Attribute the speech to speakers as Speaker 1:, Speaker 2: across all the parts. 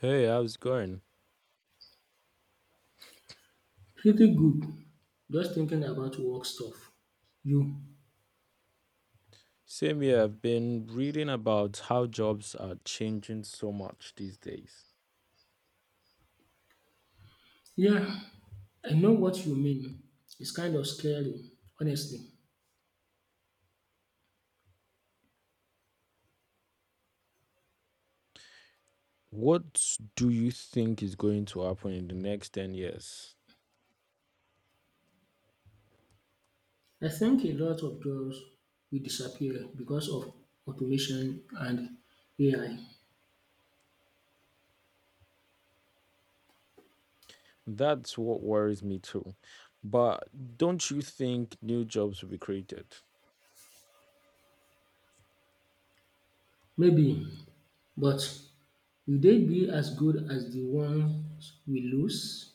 Speaker 1: Hey, how's it going?
Speaker 2: Pretty good. Just thinking about work stuff. You?
Speaker 1: Same here, I've been reading about how jobs are changing so much these days.
Speaker 2: Yeah, I know what you mean. It's kind of scary, honestly.
Speaker 1: What do you think is going to happen in the next 10 years?
Speaker 2: I think a lot of jobs will disappear because of automation and AI.
Speaker 1: That's what worries me too. But don't you think new jobs will be created?
Speaker 2: Maybe, but will they be as good as the ones we lose?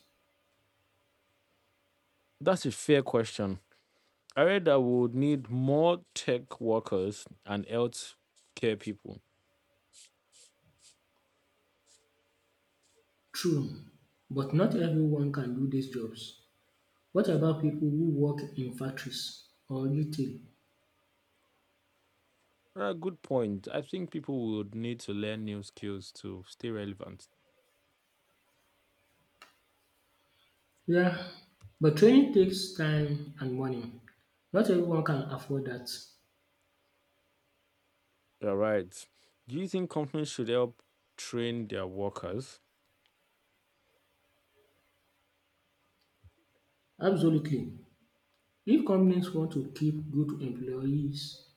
Speaker 1: That's a fair question. I read that we would need more tech workers and health care people.
Speaker 2: True, but not everyone can do these jobs. What about people who work in factories or retail?
Speaker 1: Good point. I think people would need to learn new skills to stay relevant.
Speaker 2: Yeah, but training takes time and money. Not everyone can afford that.
Speaker 1: You're right. Do you think companies should help train their workers?
Speaker 2: Absolutely. If companies want to keep good employees,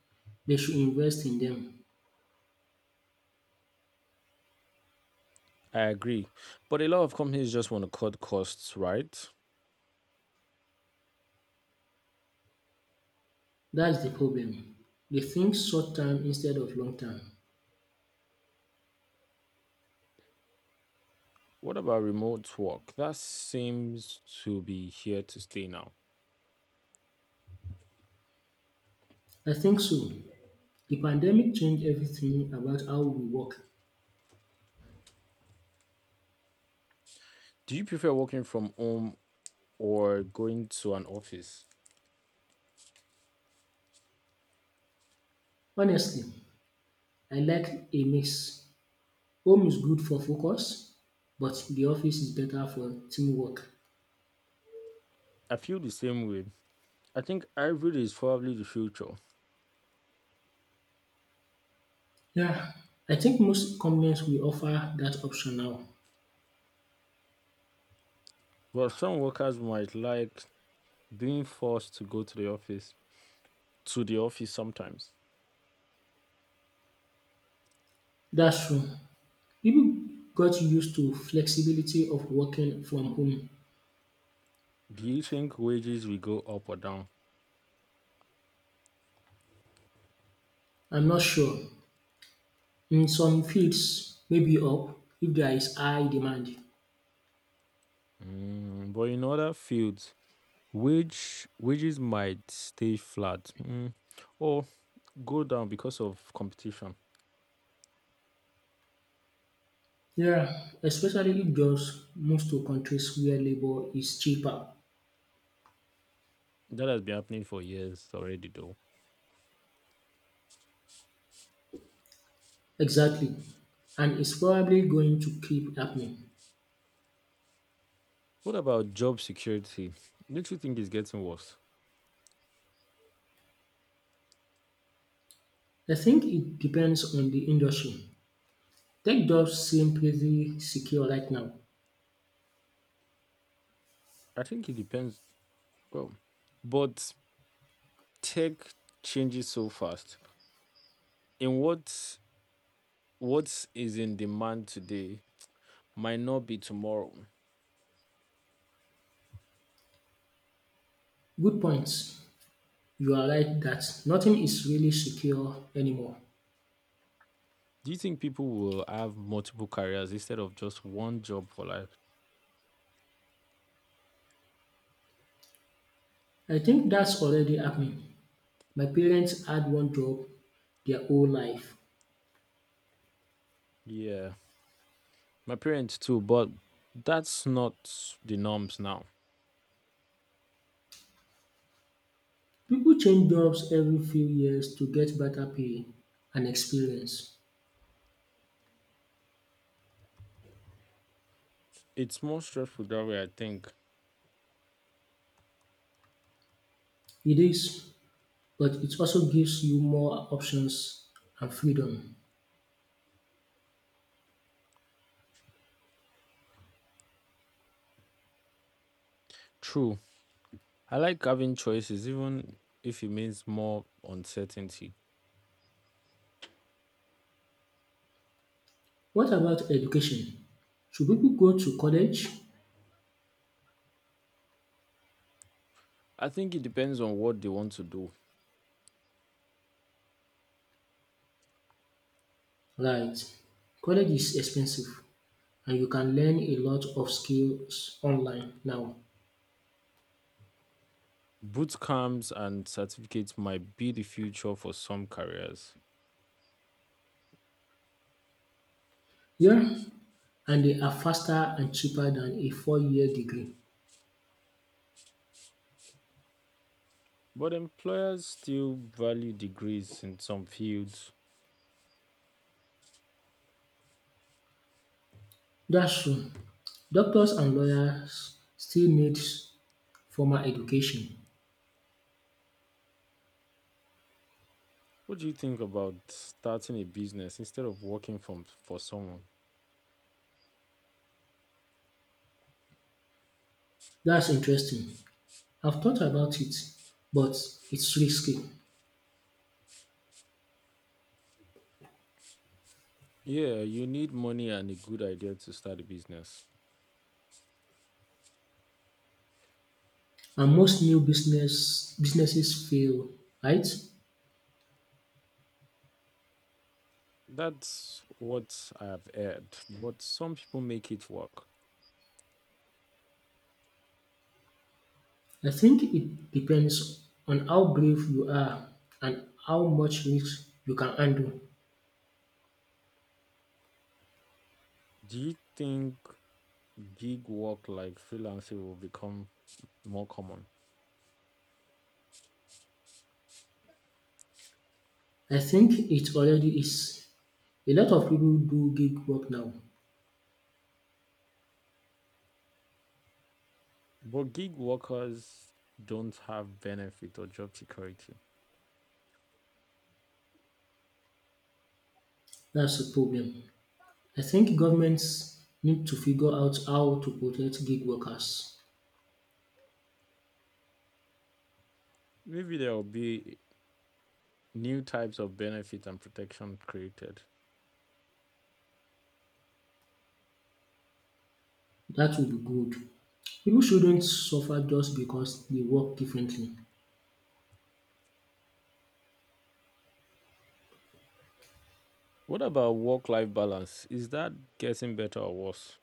Speaker 2: they should invest in them.
Speaker 1: I agree. But a lot of companies just want to cut costs, right?
Speaker 2: That's the problem. They think short term instead of long term.
Speaker 1: What about remote work? That seems to be here to stay now.
Speaker 2: I think so. The pandemic changed everything about how we work.
Speaker 1: Do you prefer working from home or going to an office?
Speaker 2: Honestly, I like a mix. Home is good for focus, but the office is better for teamwork.
Speaker 1: I feel the same way. I think hybrid is probably the future.
Speaker 2: Yeah, I think most companies will offer that option now.
Speaker 1: But some workers might like being forced to go to the office sometimes.
Speaker 2: That's true. People got used to flexibility of working from home.
Speaker 1: Do you think wages will go up or down?
Speaker 2: I'm not sure. In some fields, maybe up if there is high demand.
Speaker 1: But in other fields, wages might stay flat or go down because of competition.
Speaker 2: Yeah, especially if jobs moves to countries where labor is cheaper.
Speaker 1: That has been happening for years already, though.
Speaker 2: Exactly. And it's probably going to keep happening.
Speaker 1: What about job security? Don't you think it's getting worse?
Speaker 2: I think it depends on the industry. Tech jobs seem pretty secure right now.
Speaker 1: I think it depends. Well, but tech changes so fast. In what is in demand today might not be tomorrow.
Speaker 2: Good points. You are right that nothing is really secure anymore.
Speaker 1: Do you think people will have multiple careers instead of just one job for life?
Speaker 2: I think that's already happening. My parents had one job their whole life.
Speaker 1: Yeah. My parents too, but that's not the norms now.
Speaker 2: People change jobs every few years to get better pay and experience.
Speaker 1: It's more stressful that way, I think.
Speaker 2: It is, but it also gives you more options and freedom.
Speaker 1: True. I like having choices, even if it means more uncertainty.
Speaker 2: What about education? Should people go to college?
Speaker 1: I think it depends on what they want to do.
Speaker 2: Right. College is expensive and you can learn a lot of skills online now.
Speaker 1: Boot camps and certificates might be the future for some careers,
Speaker 2: Yeah, and they are faster and cheaper than a 4-year degree.
Speaker 1: but employers still value degrees in some fields.
Speaker 2: That's true. Doctors and lawyers still need formal education.
Speaker 1: What do you think about starting a business instead of working from for someone?
Speaker 2: That's interesting. I've thought about it, but it's risky.
Speaker 1: Yeah, you need money and a good idea to start a business.
Speaker 2: And most new businesses fail, right?
Speaker 1: That's what I've heard, but some people make it work.
Speaker 2: I think it depends on how brave you are and how much risk you can handle.
Speaker 1: Do you think gig work like freelancing will become more common?
Speaker 2: I think it already is. A lot of people do gig work now.
Speaker 1: But gig workers don't have benefit or job security.
Speaker 2: That's a problem. I think governments need to figure out how to protect gig workers.
Speaker 1: Maybe there will be new types of benefit and protection created.
Speaker 2: That would be good. People shouldn't suffer just because they work differently.
Speaker 1: What about work-life balance? Is that getting better or worse?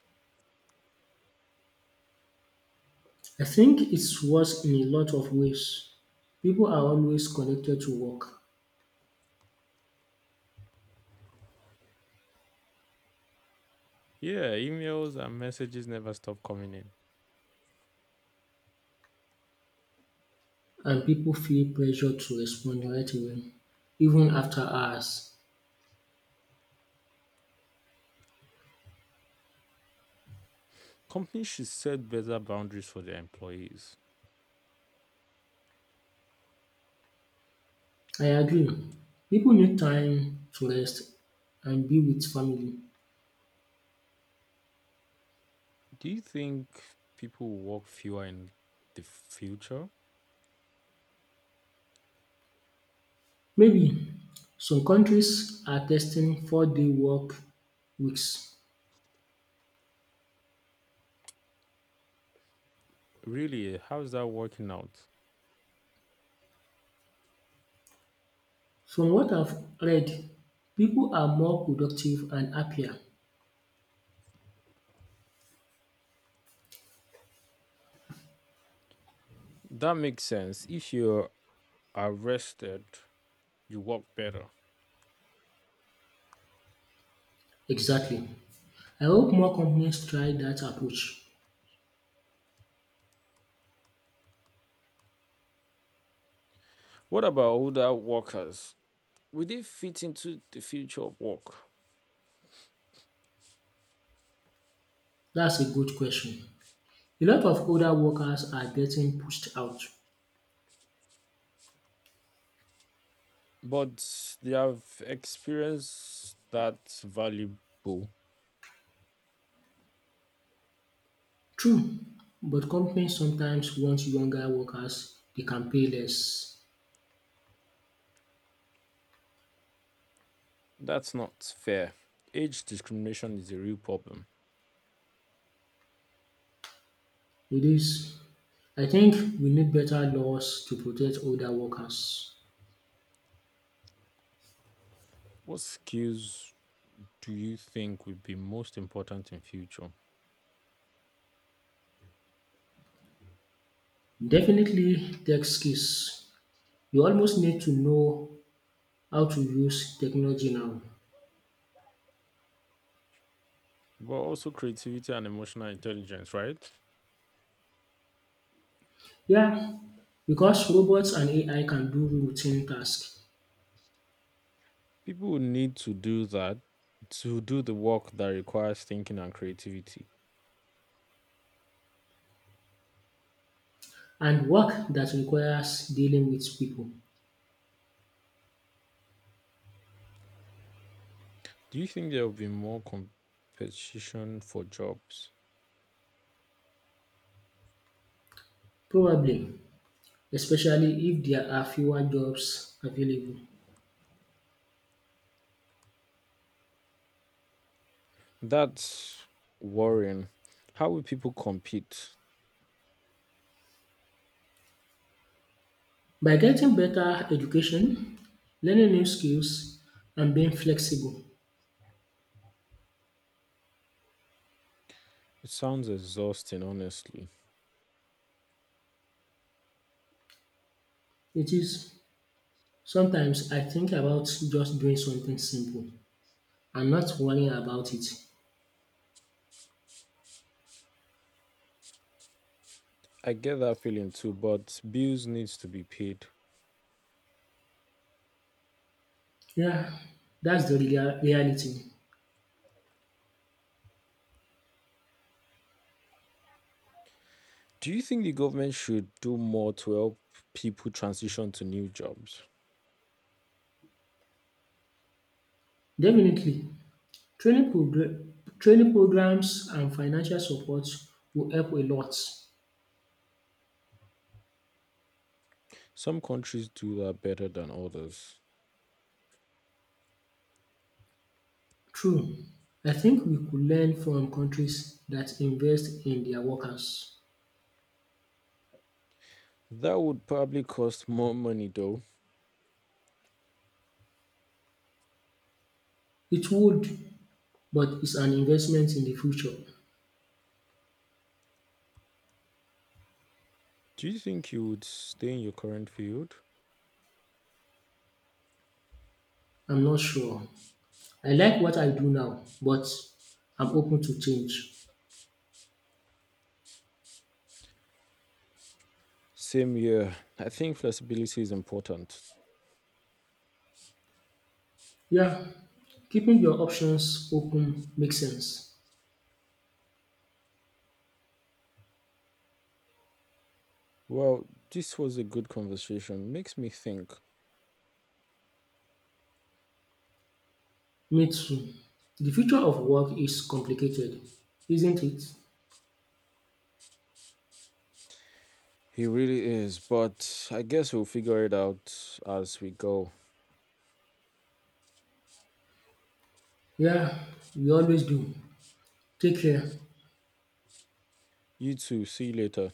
Speaker 2: I think it's worse in a lot of ways. People are always connected to work,
Speaker 1: Yeah, emails and messages never stop coming in.
Speaker 2: and people feel pressure to respond right away, even after hours.
Speaker 1: Companies should set better boundaries for their employees.
Speaker 2: I agree. People need time to rest and be with family.
Speaker 1: Do you think people will walk fewer in the future?
Speaker 2: Maybe some countries are testing 4-day work weeks.
Speaker 1: Really, how's that working out?
Speaker 2: From what I've read, people are more productive and happier.
Speaker 1: That makes sense. If you're arrested, you walk better.
Speaker 2: Exactly. I hope more companies try that approach.
Speaker 1: What about older workers? Will they fit into the future of work?
Speaker 2: That's a good question. A lot of older workers are getting pushed out.
Speaker 1: But they have experience that's valuable.
Speaker 2: True, but companies sometimes want younger workers they can pay less.
Speaker 1: That's not fair. Age discrimination is a real problem.
Speaker 2: It is. I think we need better laws to protect older workers.
Speaker 1: What skills do you think would be most important in future?
Speaker 2: Definitely tech skills. You almost need to know how to use technology now.
Speaker 1: But also creativity and emotional intelligence, right?
Speaker 2: Yeah, because robots and AI can do routine tasks
Speaker 1: People will need to do that to do the work that requires thinking and creativity.
Speaker 2: and work that requires dealing with people,
Speaker 1: Do you think there will be more competition for jobs?
Speaker 2: probably, especially if there are fewer jobs available.
Speaker 1: That's worrying. How will people compete?
Speaker 2: By getting better education, learning new skills, and being flexible,
Speaker 1: It sounds exhausting, honestly.
Speaker 2: it is sometimes I think about just doing something simple and not worrying about it.
Speaker 1: I get that feeling too, but bills needs to be paid.
Speaker 2: Yeah, that's the reality.
Speaker 1: Do you think the government should do more to help people transition to new jobs?
Speaker 2: Definitely, training progr- training programs and financial support will help a lot.
Speaker 1: Some countries do that better than others.
Speaker 2: True, I think we could learn from countries that invest in their workers.
Speaker 1: That would probably cost more money though.
Speaker 2: It would, but it's an investment in the future.
Speaker 1: Do you think you would stay in your current field?
Speaker 2: I'm not sure. I like what I do now, but I'm open to change.
Speaker 1: Same here. I think flexibility is important.
Speaker 2: Yeah, keeping your options open makes sense.
Speaker 1: Well, this was a good conversation. Makes me think.
Speaker 2: Me too. The future of work is complicated, isn't it?
Speaker 1: He really is, but I guess we'll figure it out as we go.
Speaker 2: Yeah, we always do. Take care.
Speaker 1: You too. See you later.